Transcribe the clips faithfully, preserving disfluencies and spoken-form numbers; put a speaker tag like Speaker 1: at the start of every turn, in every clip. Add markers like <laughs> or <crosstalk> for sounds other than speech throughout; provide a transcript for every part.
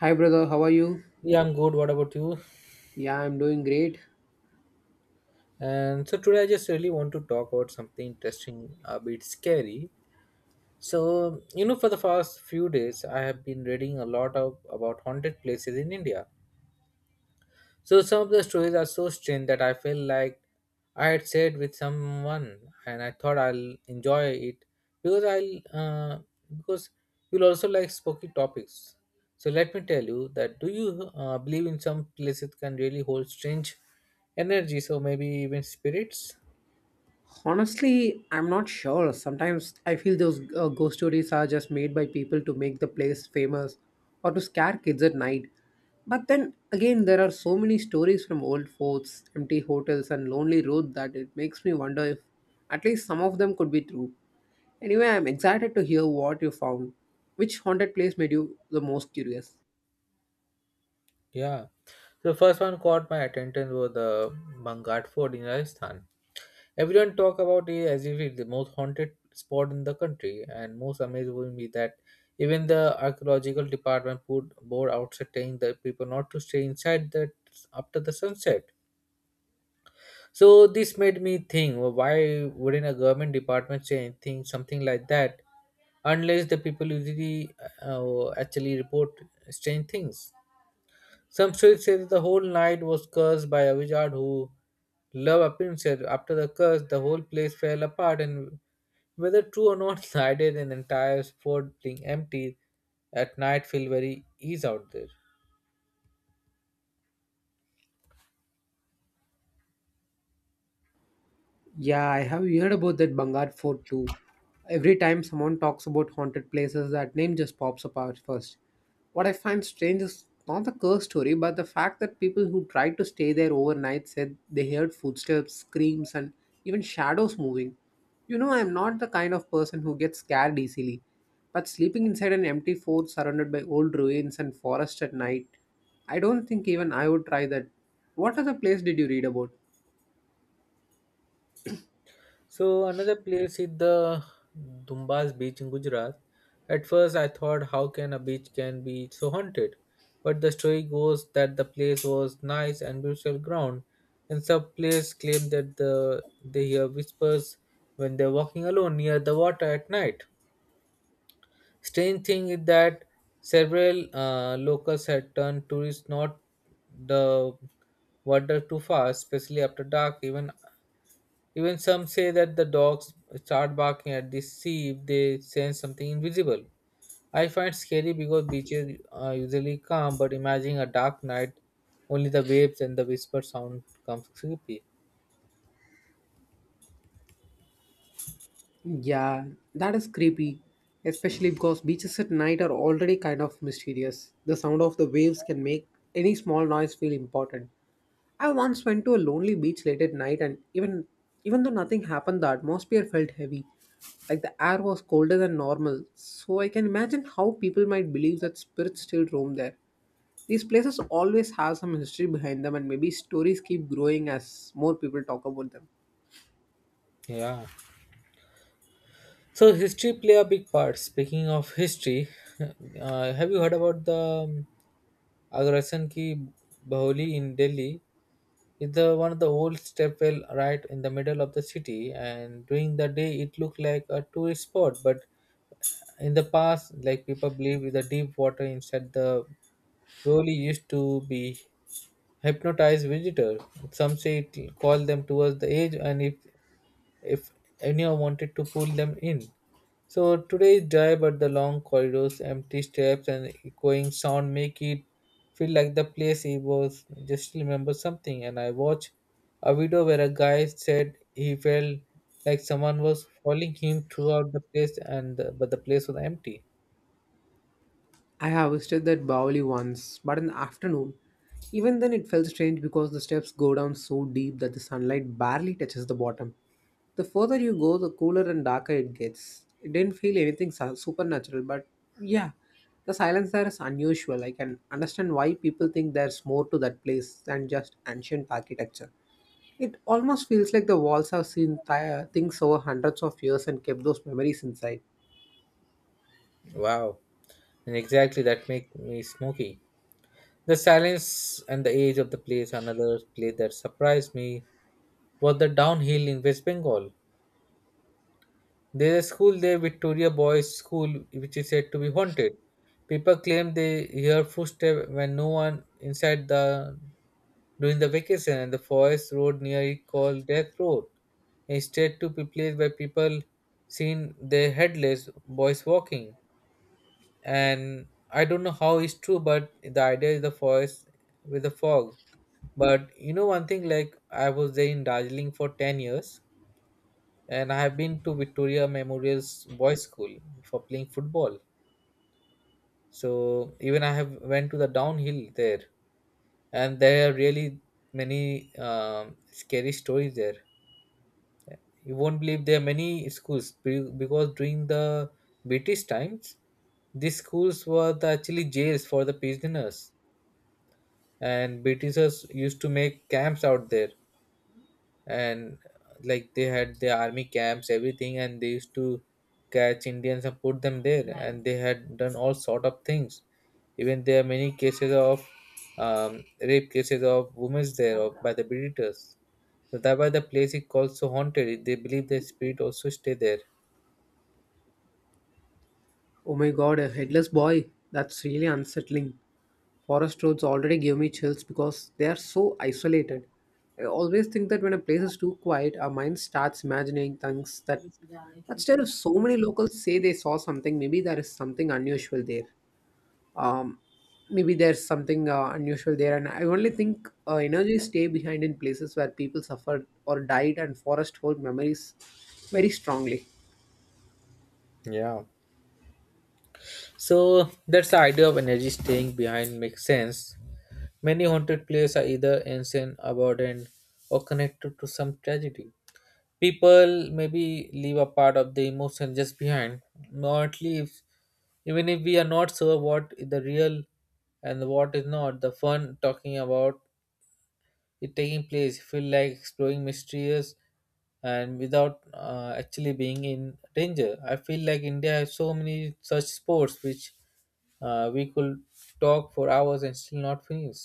Speaker 1: Hi, brother. How are you?
Speaker 2: Yeah, I'm good. What about you?
Speaker 1: Yeah, I'm doing great.
Speaker 2: And so today I just really want to talk about something interesting, a bit scary. So, you know, for the past few days, I have been reading a lot of about haunted places in India. So some of the stories are so strange that I feel like I had shared with someone, and I thought I'll enjoy it because I'll uh, because you'll also like spooky topics. So let me tell you that do you uh, believe in some places can really hold strange energy? So maybe even spirits.
Speaker 1: Honestly, I'm not sure. Sometimes I feel those uh, ghost stories are just made by people to make the place famous or to scare kids at night. But then again, there are so many stories from old forts, empty hotels, and lonely roads that it makes me wonder if at least some of them could be true. Anyway, I'm excited to hear what you found. Which haunted place made you the most curious?
Speaker 2: Yeah. So the first one caught my attention was the Bangat Fort in Rajasthan. Everyone talk about it as if it's the most haunted spot in the country, and most amazing will be that even the archaeological department put board outside telling the people not to stay inside that after the sunset. So this made me think, well, why wouldn't a government department say anything, something like that, unless the people usually uh, actually report strange things? Some stories say that the whole night was cursed by a wizard who loved appearances. After the curse, the whole place fell apart, and whether true or not, <laughs> I did an entire fort being empty at night feel very ease out there.
Speaker 1: Yeah, I have heard about that Bangar Fort too. Every time someone talks about haunted places, that name just pops up out first. What I find strange is not the curse story, but the fact that people who tried to stay there overnight said they heard footsteps, screams, and even shadows moving. You know, I'm not the kind of person who gets scared easily, but sleeping inside an empty fort surrounded by old ruins and forest at night, I don't think even I would try that. What other place did you read about?
Speaker 2: So another place is the Dumbas beach in Gujarat. At first I thought how can a beach can be so haunted? But the story goes that the place was nice and beautiful ground and some players claim that the they hear whispers when they're walking alone near the water at night. Strange thing is that several uh, locals had turned tourists not the water too fast, especially after dark, even even some say that the dogs start barking at the sea if they sense something invisible. I find scary because beaches are usually calm, but imagining a dark night, only the waves and the whisper sound comes creepy.
Speaker 1: Yeah, that is creepy, especially because beaches at night are already kind of mysterious. The sound of the waves can make any small noise feel important. I once went to a lonely beach late at night, and even even though nothing happened, the atmosphere felt heavy. Like the air was colder than normal, so I can imagine how people might believe that spirits still roam there. These places always have some history behind them, and maybe stories keep growing as more people talk about them.
Speaker 2: Yeah. So history play a big part. Speaking of history, <laughs> uh, have you heard about the um, Agrasan ki Baholi in Delhi? It's the one of the old stepwell right in the middle of the city, and during the day it looked like a tourist spot, but in the past like people believe with the deep water inside the really used to be hypnotize visitor, some say it call them towards the edge and if if anyone wanted to pull them in. So today is dry, but the long corridors empty steps and echoing sound make it feel like the place it was just remember something, and I watched a video where a guy said he felt like someone was following him throughout the place, and but the place was empty.
Speaker 1: I have visited that Bawali once, but in the afternoon. Even then, it felt strange because the steps go down so deep that the sunlight barely touches the bottom. The further you go, the cooler and darker it gets. It didn't feel anything su- supernatural, but yeah, the silence there is unusual. I can understand why people think there's more to that place than just ancient architecture. It almost feels like the walls have seen th- things over hundreds of years and kept those memories inside.
Speaker 2: Wow, and exactly that make me smoky. The silence and the age of the place. Another place that surprised me was the downhill in West Bengal. There's a school there, Victoria Boys School, which is said to be haunted. People claim they hear footsteps when no one inside the during the vacation, and the forest road near it called Death Road. Instead, to be place where people seen their headless boys walking. And I don't know how it's true, but the idea is the forest with the fog. But you know one thing, like I was there in Darjeeling for ten years, and I have been to Victoria Memorial's boys' school for playing football. So even I have went to the downhill there, and there are really many um, scary stories there. You won't believe there are many schools be- because during the British times, these schools were the actually jails for the prisoners, and britishers used to make camps out there, and uh, like they had their army camps everything, and they used to catch indians and put them there, and they had done all sort of things. Even there are many cases of um, rape cases of women there of, by the britishers. So that why the place is called so haunted, they believe the spirit also stay there.
Speaker 1: Oh my god, a headless boy? That's really unsettling. Forest roads already give me chills because they are so isolated. I always think that when a place is too quiet, our mind starts imagining things that. But still, if so many locals say they saw something, maybe there is something unusual there. Um, Maybe there's something uh, unusual there, and I only think uh, energies stay behind in places where people suffered or died, and forest hold memories very strongly.
Speaker 2: Yeah. So that's the idea of energy staying behind makes sense. Many haunted places are either ancient, abandoned, or connected to some tragedy. People maybe leave a part of the emotion just behind, not leaves. Even if we are not sure what is the real and what is not, the fun talking about it taking place feel like exploring mysterious and without uh, actually being in danger. I feel like India has so many such sports which uh, we could talk for hours and still not finish.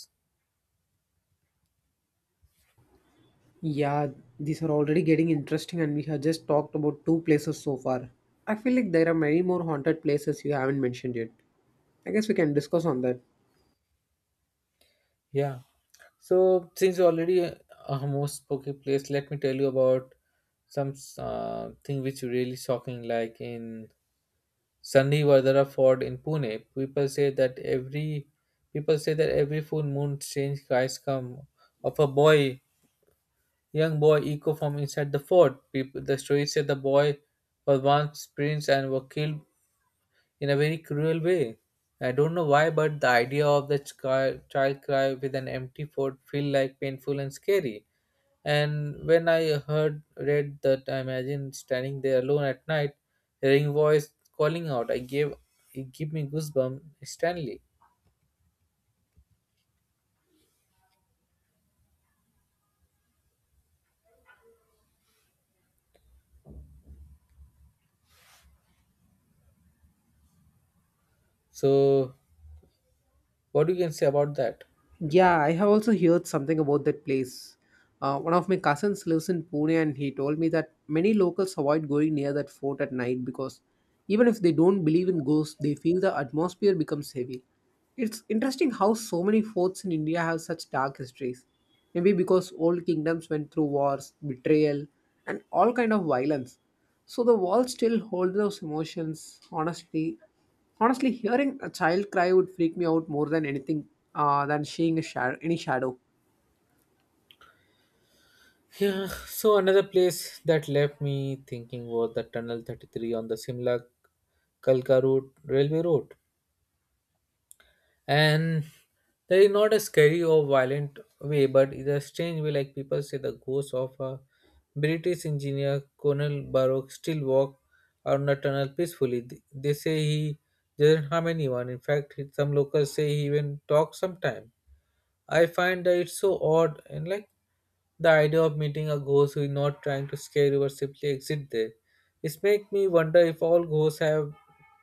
Speaker 1: Yeah, these are already getting interesting, and we have just talked about two places so far. I feel like there are many more haunted places you haven't mentioned yet. I guess we can discuss on that.
Speaker 2: Yeah. So since you already uh, almost spoke a place, let me tell you about some uh, thing which really shocking. Like in Sunday Vardara Fort in Pune, people say that every people say that every full moon strange guys come of a boy, young boy echo from inside the fort. People, the story said the boy was once prince and was killed in a very cruel way. I don't know why, but the idea of the chi- child cry with an empty fort feel like painful and scary. And when I heard read that, I imagined standing there alone at night, hearing a voice calling out. I gave It gave me goosebumps instantly. So, what you can say about that?
Speaker 1: Yeah, I have also heard something about that place. Uh, one of my cousins lives in Pune, and he told me that many locals avoid going near that fort at night because even if they don't believe in ghosts, they feel the atmosphere becomes heavy. It's interesting how so many forts in India have such dark histories. Maybe because old kingdoms went through wars, betrayal, and all kind of violence. So the walls still hold those emotions. Honestly, honestly, hearing a child cry would freak me out more than anything uh, than seeing a shadow, any shadow.
Speaker 2: Yeah, so another place that left me thinking was the Tunnel thirty-three on the Simla Kalka route, railway road. And that is not a scary or violent way but in a strange way, like people say the ghost of a british engineer colonel Baruch still walk around the tunnel peacefully. Th- they say he doesn't harm anyone. In fact, some locals say he even talks sometime. I find that it's so odd, and like the idea of meeting a ghost who is not trying to scare you or simply exit there. It's make me wonder if all ghosts have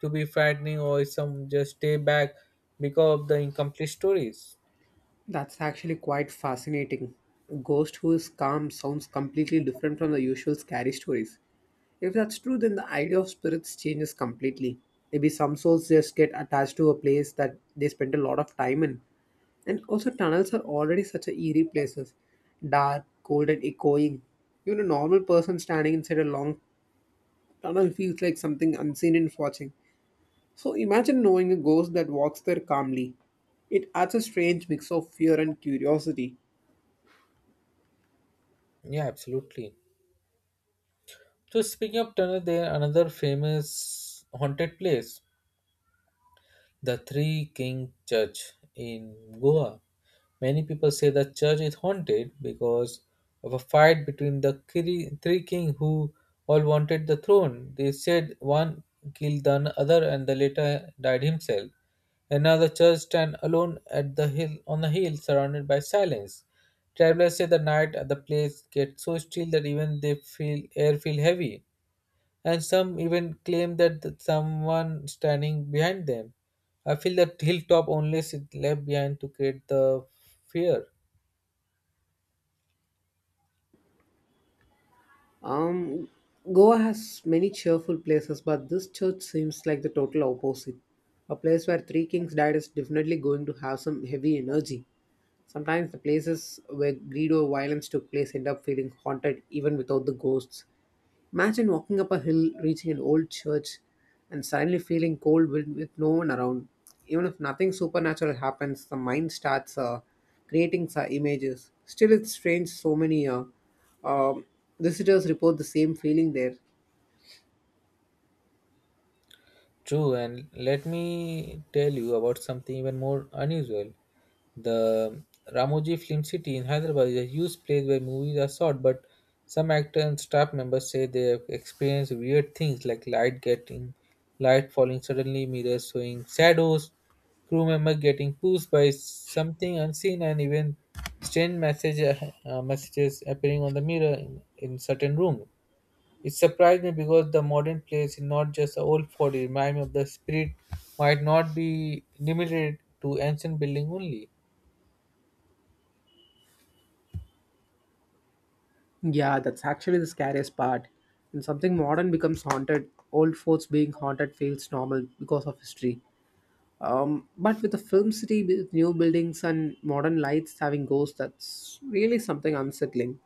Speaker 2: to be frightening or if some just stay back because of the incomplete stories.
Speaker 1: That's actually quite fascinating. A ghost who is calm sounds completely different from the usual scary stories. If that's true, then the idea of spirits changes completely. Maybe some souls just get attached to a place that they spend a lot of time in. And also, tunnels are already such a eerie places: dark, cold, and echoing. Even a normal person standing inside a long tunnel feels like something unseen is watching. So, imagine knowing a ghost that walks there calmly. It adds a strange mix of fear and curiosity.
Speaker 2: Yeah, absolutely. So speaking of tunnel, there another famous haunted place, the Three King Church in Goa. Many people say the church is haunted because of a fight between the three three kings who all wanted the throne. They said one killed the other and the latter died himself. And now the church stands alone at the hill on a hill surrounded by silence. Travelers say the night at the place gets so still that even they feel air feel heavy, and some even claim that th- someone standing behind them. I feel that hilltop only sit left behind to create the fear.
Speaker 1: Um, Goa has many cheerful places, but this church seems like the total opposite. A place where three kings died is definitely going to have some heavy energy. Sometimes the places where greed or violence took place end up feeling haunted even without the ghosts. Imagine walking up a hill, reaching an old church, and suddenly feeling cold with, with no one around. Even if nothing supernatural happens, the mind starts uh, creating uh, images. Still, it's strange so many uh, um visitors report the same feeling there.
Speaker 2: True, and let me tell you about something even more unusual. The Ramoji Film City in Hyderabad is a huge place where movies are shot, but some actor and staff members say they have experienced weird things like light getting light falling suddenly, mirrors showing shadows, crew member getting pushed by something unseen, and even strange message, uh, messages appearing on the mirror in, in certain room. It surprised me because the modern place is not just the old fort. It reminds me of the spirit might not be limited to ancient building only.
Speaker 1: Yeah, that's actually the scariest part. When something modern becomes haunted, old forts being haunted feels normal because of history. Um, but with a film city with new buildings and modern lights having ghosts, that's really something unsettling.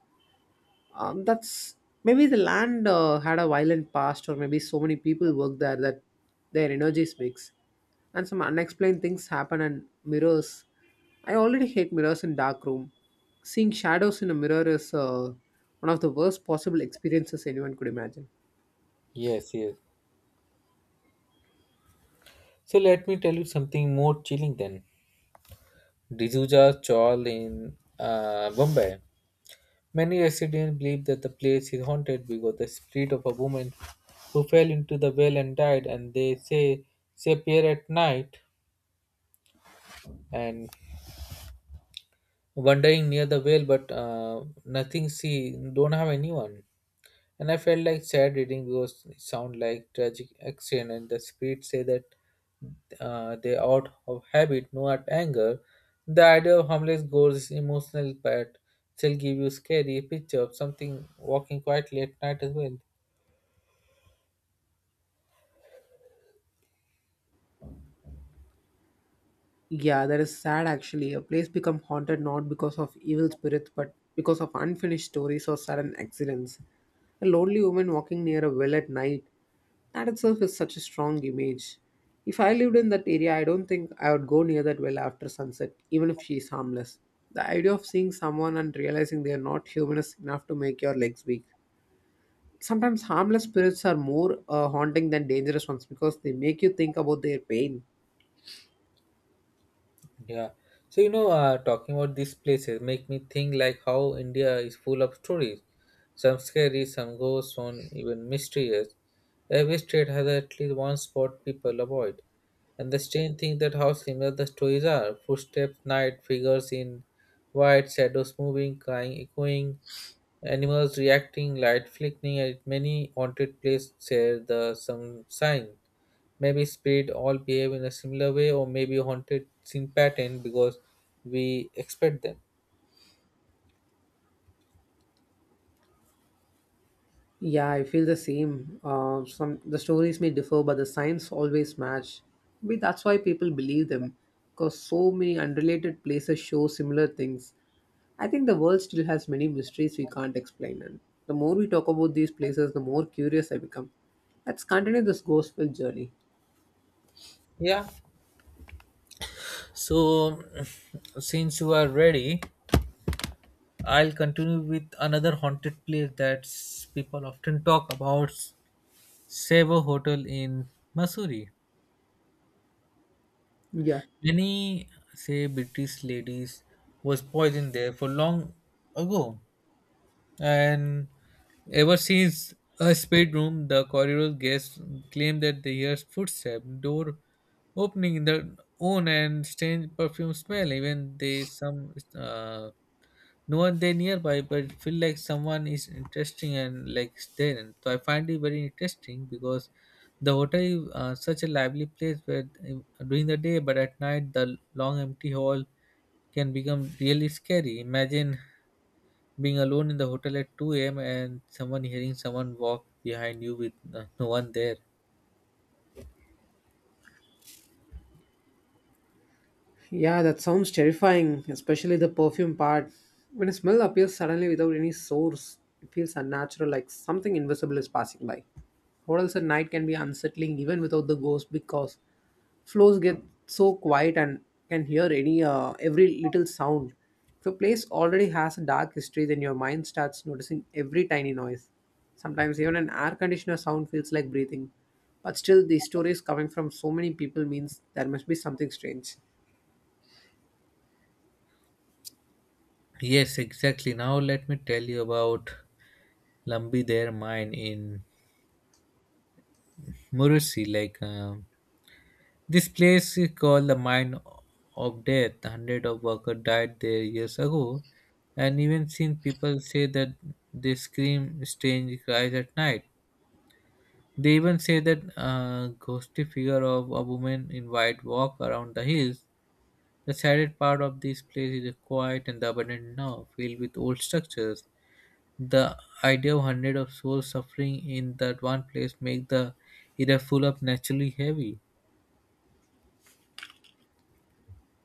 Speaker 1: um, That's maybe the land uh, had a violent past, or maybe so many people work there that their energies mix and some unexplained things happen. And mirrors, I already hate mirrors in dark room. Seeing shadows in a mirror is uh, one of the worst possible experiences anyone could imagine.
Speaker 2: Yes, yes. So let me tell you something more chilling then. D'Souza Chawl in uh, Bombay. Many residents believe that the place is haunted because the spirit of a woman who fell into the well and died, and they say she appear at night and wandering near the well, but uh, nothing. See, don't have anyone. And I felt like sad reading because it sound like tragic action, and the script say that uh, they out of habit, not anger. The idea of harmless ghosts is emotional but still give you scary picture of something walking quietly at night as well.
Speaker 1: Yeah, that is sad actually. A place become haunted not because of evil spirits but because of unfinished stories or sudden accidents. A lonely woman walking near a well at night, that itself is such a strong image. If I lived in that area, I don't think I would go near that well after sunset, even if she is harmless. The idea of seeing someone and realizing they are not human is enough to make your legs weak. Sometimes harmless spirits are more uh, haunting than dangerous ones because they make you think about their pain.
Speaker 2: Yeah. So you know, uh, talking about these places make me think like how India is full of stories. Some scary, some ghosts, some even mysterious. Every state has at least one spot people avoid. And the strange thing that how similar the stories are: footsteps, night figures in white, shadows moving, crying, echoing. Animals reacting, light flickering at many haunted places share the some sign. Maybe spirit all behave in a similar way, or maybe haunted scene pattern because we expect them.
Speaker 1: Yeah, I feel the same. Uh, some the stories may differ, but the science always match. Maybe that's why people believe them, because so many unrelated places show similar things. I think the world still has many mysteries we can't explain, and the more we talk about these places, the more curious I become. Let's continue this ghost film journey.
Speaker 2: Yeah. So <sniffs> since you are ready, I'll continue with another haunted place that people often talk about, Savo Hotel in Missouri.
Speaker 1: Yeah.
Speaker 2: Many say British ladies was poisoned there for long ago. And ever since a spade room, the corridor guests claim that they hear footsteps, door opening in their own, and strange perfume smell. Even they some uh, no one there nearby, but feel like someone is interesting and like there. So I find it very interesting because the hotel is uh, such a lively place where uh, during the day, but at night the long empty hall can become really scary. Imagine being alone in the hotel at two a m And someone hearing someone walk behind you with uh, no one there.
Speaker 1: Yeah, that sounds terrifying, especially the perfume part. When a smell appears suddenly without any source, it feels unnatural, like something invisible is passing by. Hotels at night can be unsettling even without the ghost because floors get so quiet and can hear any uh, every little sound. If a place already has a dark history, then your mind starts noticing every tiny noise. Sometimes even an air conditioner sound feels like breathing. But still, the stories coming from so many people means there must be something strange.
Speaker 2: Yes, exactly. Now let me tell you about Lambi Their Mine in Murusi. Like um, this place is called the Mine of Death. Hundred of workers died there years ago, and even seen people say that they scream strange cries at night. They even say that a ghostly figure of a woman in white walk around the hills. The saddest part of this place is the quiet and the abandoned now, filled with old structures. The idea of hundreds of souls suffering in that one place make the area full up naturally heavy.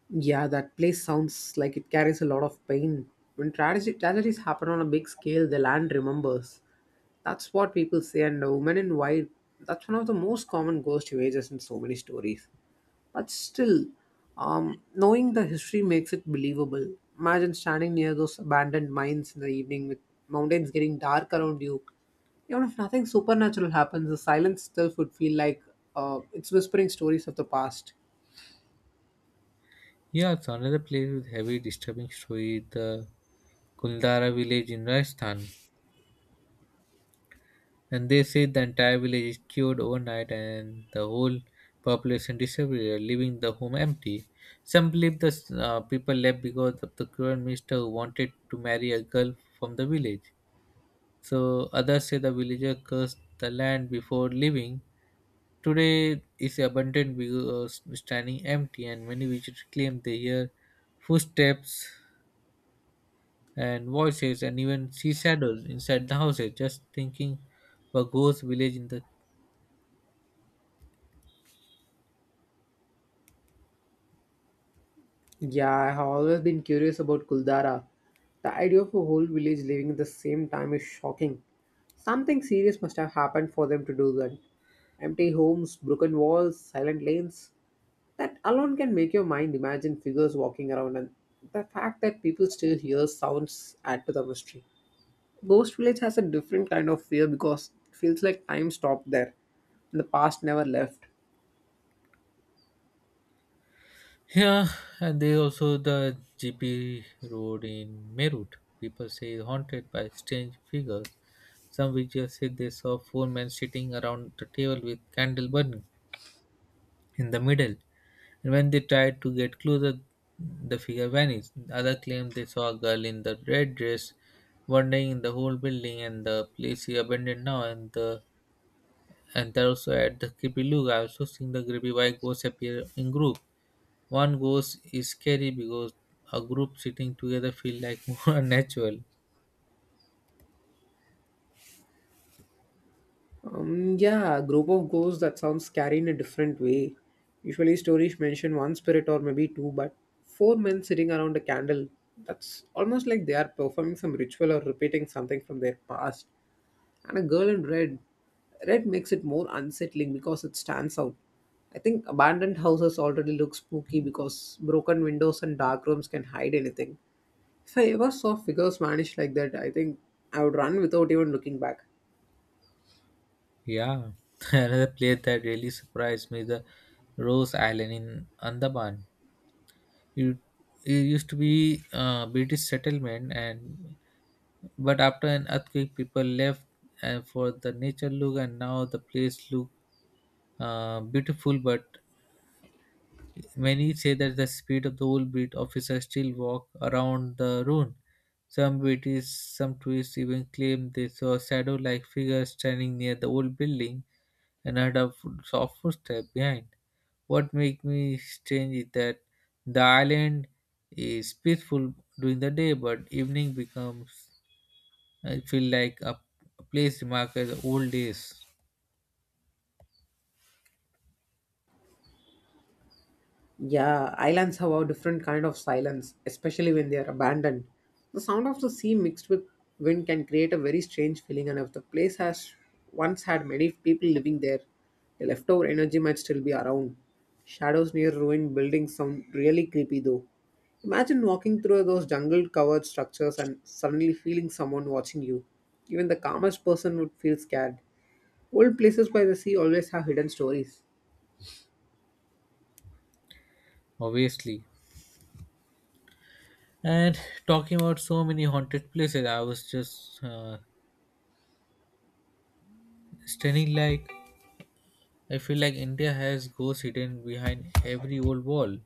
Speaker 1: Yeah, that place sounds like it carries a lot of pain. When tragedy, tragedies happen on a big scale, the land remembers. That's what people say, and the woman in white, that's one of the most common ghost images in so many stories. But still, um, knowing the history makes it believable. Imagine standing near those abandoned mines in the evening with mountains getting dark around you. Even if nothing supernatural happens, the silence still would feel like uh, it's whispering stories of the past.
Speaker 2: Yeah, it's another place with heavy disturbing story, the Kuldara village in Rajasthan. And they say the entire village is cured overnight and the whole population disappeared, leaving the home empty. Some believe the uh, people left because of the cruel minister who wanted to marry a girl from the village. So others say the villager cursed the land before leaving. Today is abandoned because standing empty, and many villagers claim they hear footsteps and voices and even see shadows inside the houses. Just thinking of a ghost village in the
Speaker 1: Yeah, I have always been curious about Kuldara. The idea of a whole village living at the same time is shocking. Something serious must have happened for them to do that. Empty homes, broken walls, silent lanes. That alone can make your mind imagine figures walking around, and the fact that people still hear sounds add to the mystery. Ghost Village has a different kind of fear because it feels like time stopped there and the past never left.
Speaker 2: yeah, and they also the G P road in Merut. People say haunted by strange figures. Some villagers say they saw four men sitting around the table with candle burning in the middle. And when they tried to get closer, the figure vanished. Others claimed they saw a girl in the red dress wandering in the whole building and the place is abandoned now and the and they also at the creepy look. I also seen the creepy why ghosts appear in group. One ghost is scary because a group sitting together feel like <laughs> more natural.
Speaker 1: Um, yeah, group of ghosts, that sounds scary in a different way. Usually, stories mention one spirit or maybe two, but four men sitting around a candle. That's almost like they are performing some ritual or repeating something from their past. And a girl in red. Red makes it more unsettling because it stands out. I think abandoned houses already look spooky because broken windows and dark rooms can hide anything. If I ever saw figures vanish like that, I think I would run without even looking back.
Speaker 2: Yeah. <laughs> Another place that really surprised me is the Rose Island in Andaman. It, it used to be uh, British settlement, and but after an earthquake, people left and for the nature look, and now the place look uh, beautiful but many say that the speed of the old breed officers still walk around the ruin. Some British, some tourists even claim they saw a shadow like figure standing near the old building and heard a fo- soft footstep behind. What makes me strange is that the island is peaceful during the day, but evening becomes, I feel like a, a place remarked as the old days,
Speaker 1: Yeah, islands have a different kind of silence, especially when they are abandoned. The sound of the sea mixed with wind can create a very strange feeling, and if the place has once had many people living there, the leftover energy might still be around. Shadows near ruined buildings sound really creepy though. Imagine walking through those jungle covered structures and suddenly feeling someone watching you. Even the calmest person would feel scared. Old places by the sea always have hidden stories.
Speaker 2: obviously. And talking about so many haunted places, I was just uh, stunning like I feel like India has ghosts hidden behind every old wall.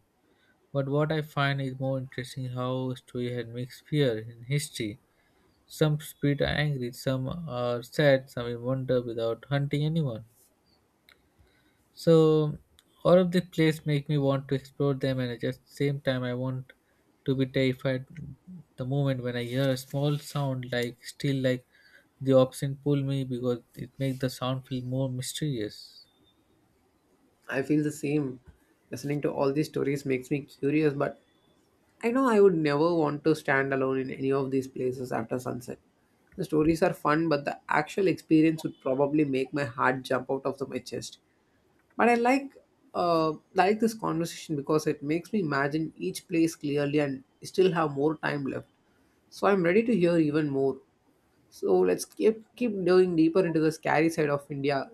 Speaker 2: But what I find is more interesting how story had mixed fear in history. Some spirit are angry, some are sad, some in wonder without hunting anyone. So all of these places make me want to explore them and at the same time I want to be terrified the moment when I hear a small sound like still like the option pull me because it makes the sound feel more mysterious.
Speaker 1: I feel the same. Listening to all these stories makes me curious, but I know I would never want to stand alone in any of these places after sunset. The stories are fun, but the actual experience would probably make my heart jump out of my chest. But I like uh, like this conversation because it makes me imagine each place clearly and still have more time left. So I'm ready to hear even more. So let's keep keep delving deeper into the scary side of India.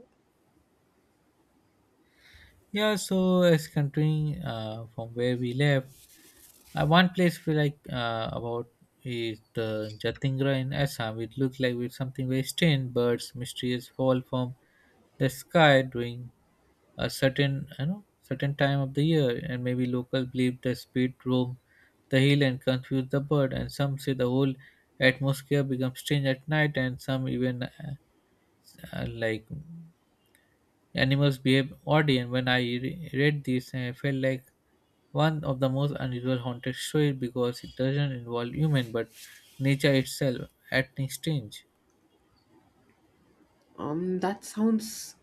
Speaker 2: Yeah, so as continuing uh, from where we left, uh, one place we like uh, about is the Jatingra in Assam. It looked like with something very strange, birds mysterious fall from the sky during a certain you know certain time of the year, and maybe local believe the spirit roam the hill and confuse the bird, and some say the whole atmosphere becomes strange at night, and some even uh, uh, like animals behave oddly, and when I re- read this, I felt like one of the most unusual haunted stories because it doesn't involve human but nature itself acting strange.
Speaker 1: Um, that sounds,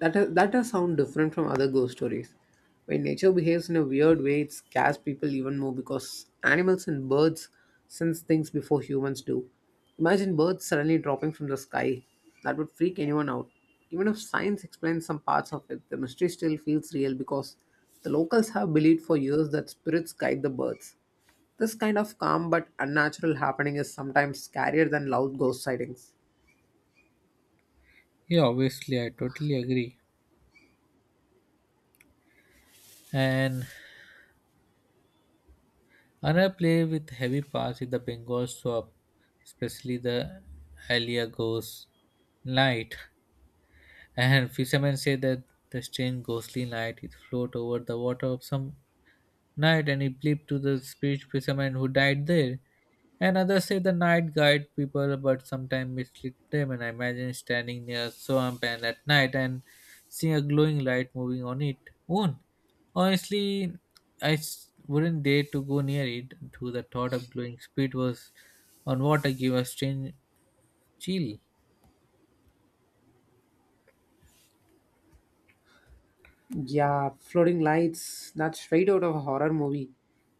Speaker 1: that does- that does sound different from other ghost stories. When nature behaves in a weird way, it scares people even more because animals and birds sense things before humans do. Imagine birds suddenly dropping from the sky. That would freak anyone out. Even if science explains some parts of it, the mystery still feels real because the locals have believed for years that spirits guide the birds. This kind of calm but unnatural happening is sometimes scarier than loud ghost sightings.
Speaker 2: Yeah, obviously, I totally agree. And another play with heavy parts is the Bengal swap, especially the Alia Ghost Night. <laughs> And fishermen say that the strange ghostly night it float over the water of some night and he believed to the spirit fisherman who died there. And others say the night guide people but sometimes mislead them. And I imagine standing near a swamp and at night and seeing a glowing light moving on it own. Honestly, I s- wouldn't dare to go near it. To the thought of glowing spirit was on water gave a strange chill.
Speaker 1: Yeah, floating lights, that's straight out of a horror movie.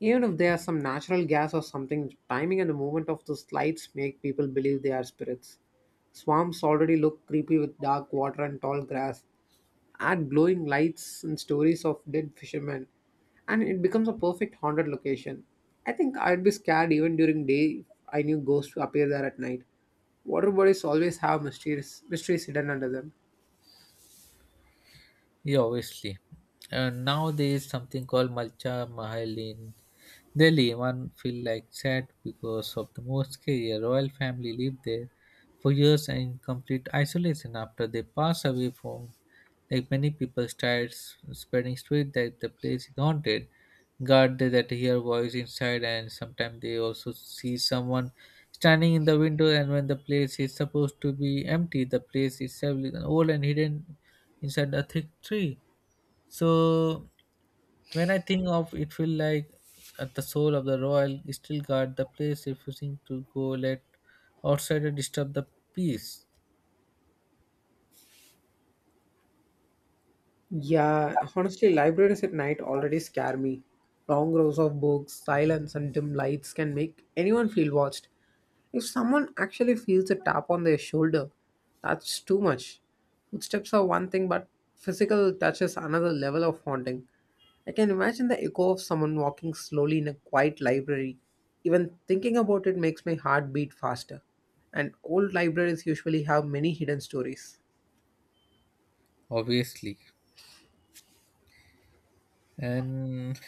Speaker 1: Even if there's some natural gas or something, timing and the movement of those lights make people believe they are spirits. Swamps already look creepy with dark water and tall grass. Add glowing lights and stories of dead fishermen, and it becomes a perfect haunted location. I think I'd be scared even during day if I knew ghosts appear there at night. Water bodies always have mysterious mysteries hidden under them.
Speaker 2: Yeah, obviously. And now there is something called Malcha Mahal in Delhi. One feel like sad because of the mosque. A royal family lived there for years in complete isolation. After they passed away from, like many people started s- spreading street that the place is haunted. Guard they that hear voice inside, and sometimes they also see someone standing in the window. And when the place is supposed to be empty, the place is several old and hidden inside a thick tree. So when I think of it, feel like at the soul of the royal still guard the place, refusing to go let outsider disturb the peace.
Speaker 1: Yeah, honestly, libraries at night already scare me. Long rows of books, silence, and dim lights can make anyone feel watched. If someone actually feels a tap on their shoulder, that's too much. Footsteps are one thing, but physical touch is another level of haunting. I can imagine the echo of someone walking slowly in a quiet library. Even thinking about it makes my heart beat faster. And old libraries usually have many hidden stories.
Speaker 2: Obviously. And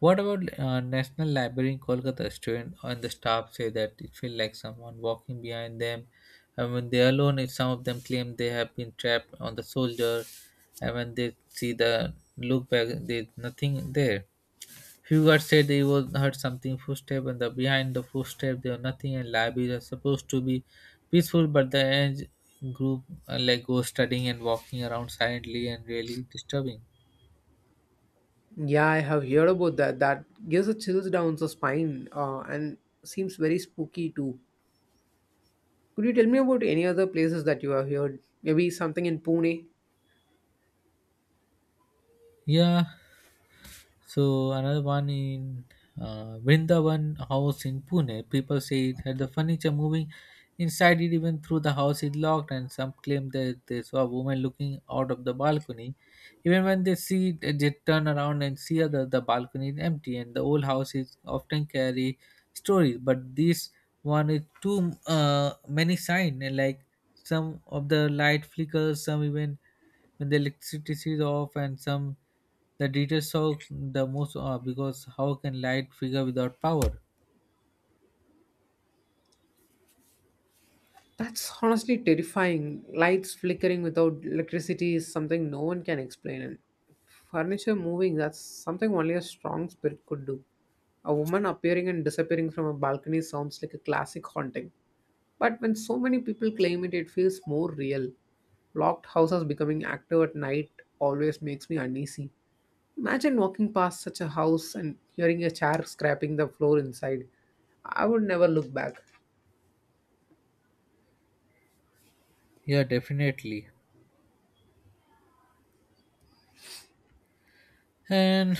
Speaker 2: what about uh, National Library in Kolkata? Student and the staff say that it feel like someone walking behind them, and when they are alone, it, some of them claim they have been trapped on the soldier, and when they see the look back, there's nothing there. Hugar said he was heard something footstep and the behind the footstep there was nothing and libraries are supposed to be peaceful but the edge group uh, like go studying and walking around silently and really disturbing.
Speaker 1: Yeah, I have heard about that. That gives a chills down the spine, uh, and seems very spooky too. Could you tell me about any other places that you have heard? Maybe something in Pune?
Speaker 2: Yeah, so another one in uh, Vrindavan house in Pune. People say it had the furniture moving inside it even through the house is locked and some claim that they saw a woman looking out of the balcony. Even when they see it, uh, they turn around and see other the balcony is empty and the old houses often carry stories. But this one is too uh, many sign and like some of the light flickers, some even when the electricity is off, and some the details shock the most uh, because how can light figure without power?
Speaker 1: That's honestly terrifying. Lights flickering without electricity is something no one can explain. And furniture moving, that's something only a strong spirit could do. A woman appearing and disappearing from a balcony sounds like a classic haunting. But when so many people claim it, it feels more real. Locked houses becoming active at night always makes me uneasy. Imagine walking past such a house and hearing a chair scraping the floor inside. I would never look back.
Speaker 2: Yeah, definitely. And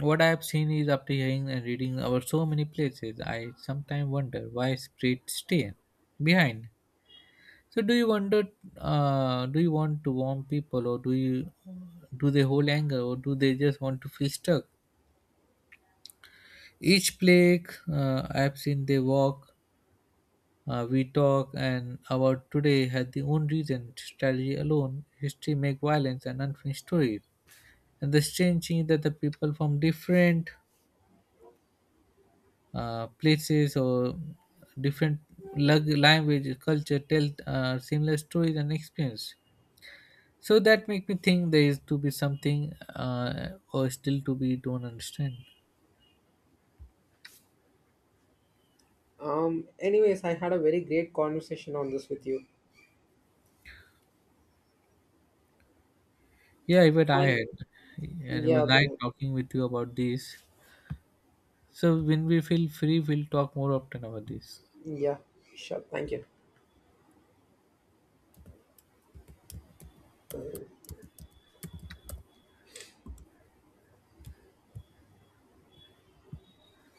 Speaker 2: what I have seen is after hearing and reading about so many places, I sometimes wonder why spirits stay behind. So, do you wonder? Uh, do you want to warm people, or do you do they hold anger, or do they just want to feel stuck? Each plague uh, I have seen, they walk. Uh, we talk and about today had the own reason, strategy alone, history make violence and unfinished stories. And the strange thing is that the people from different uh, places or different lug- language, culture tell uh, similar stories and experience. So that make me think there is to be something uh, or still to be don't understand.
Speaker 1: Um, anyways, I had a very great conversation on this with you.
Speaker 2: Yeah, even I
Speaker 1: And
Speaker 2: had, and it was
Speaker 1: yeah,
Speaker 2: nice
Speaker 1: brother.
Speaker 2: talking with you about this. So when we feel free, we'll talk more often about this.
Speaker 1: Yeah, sure. Thank you.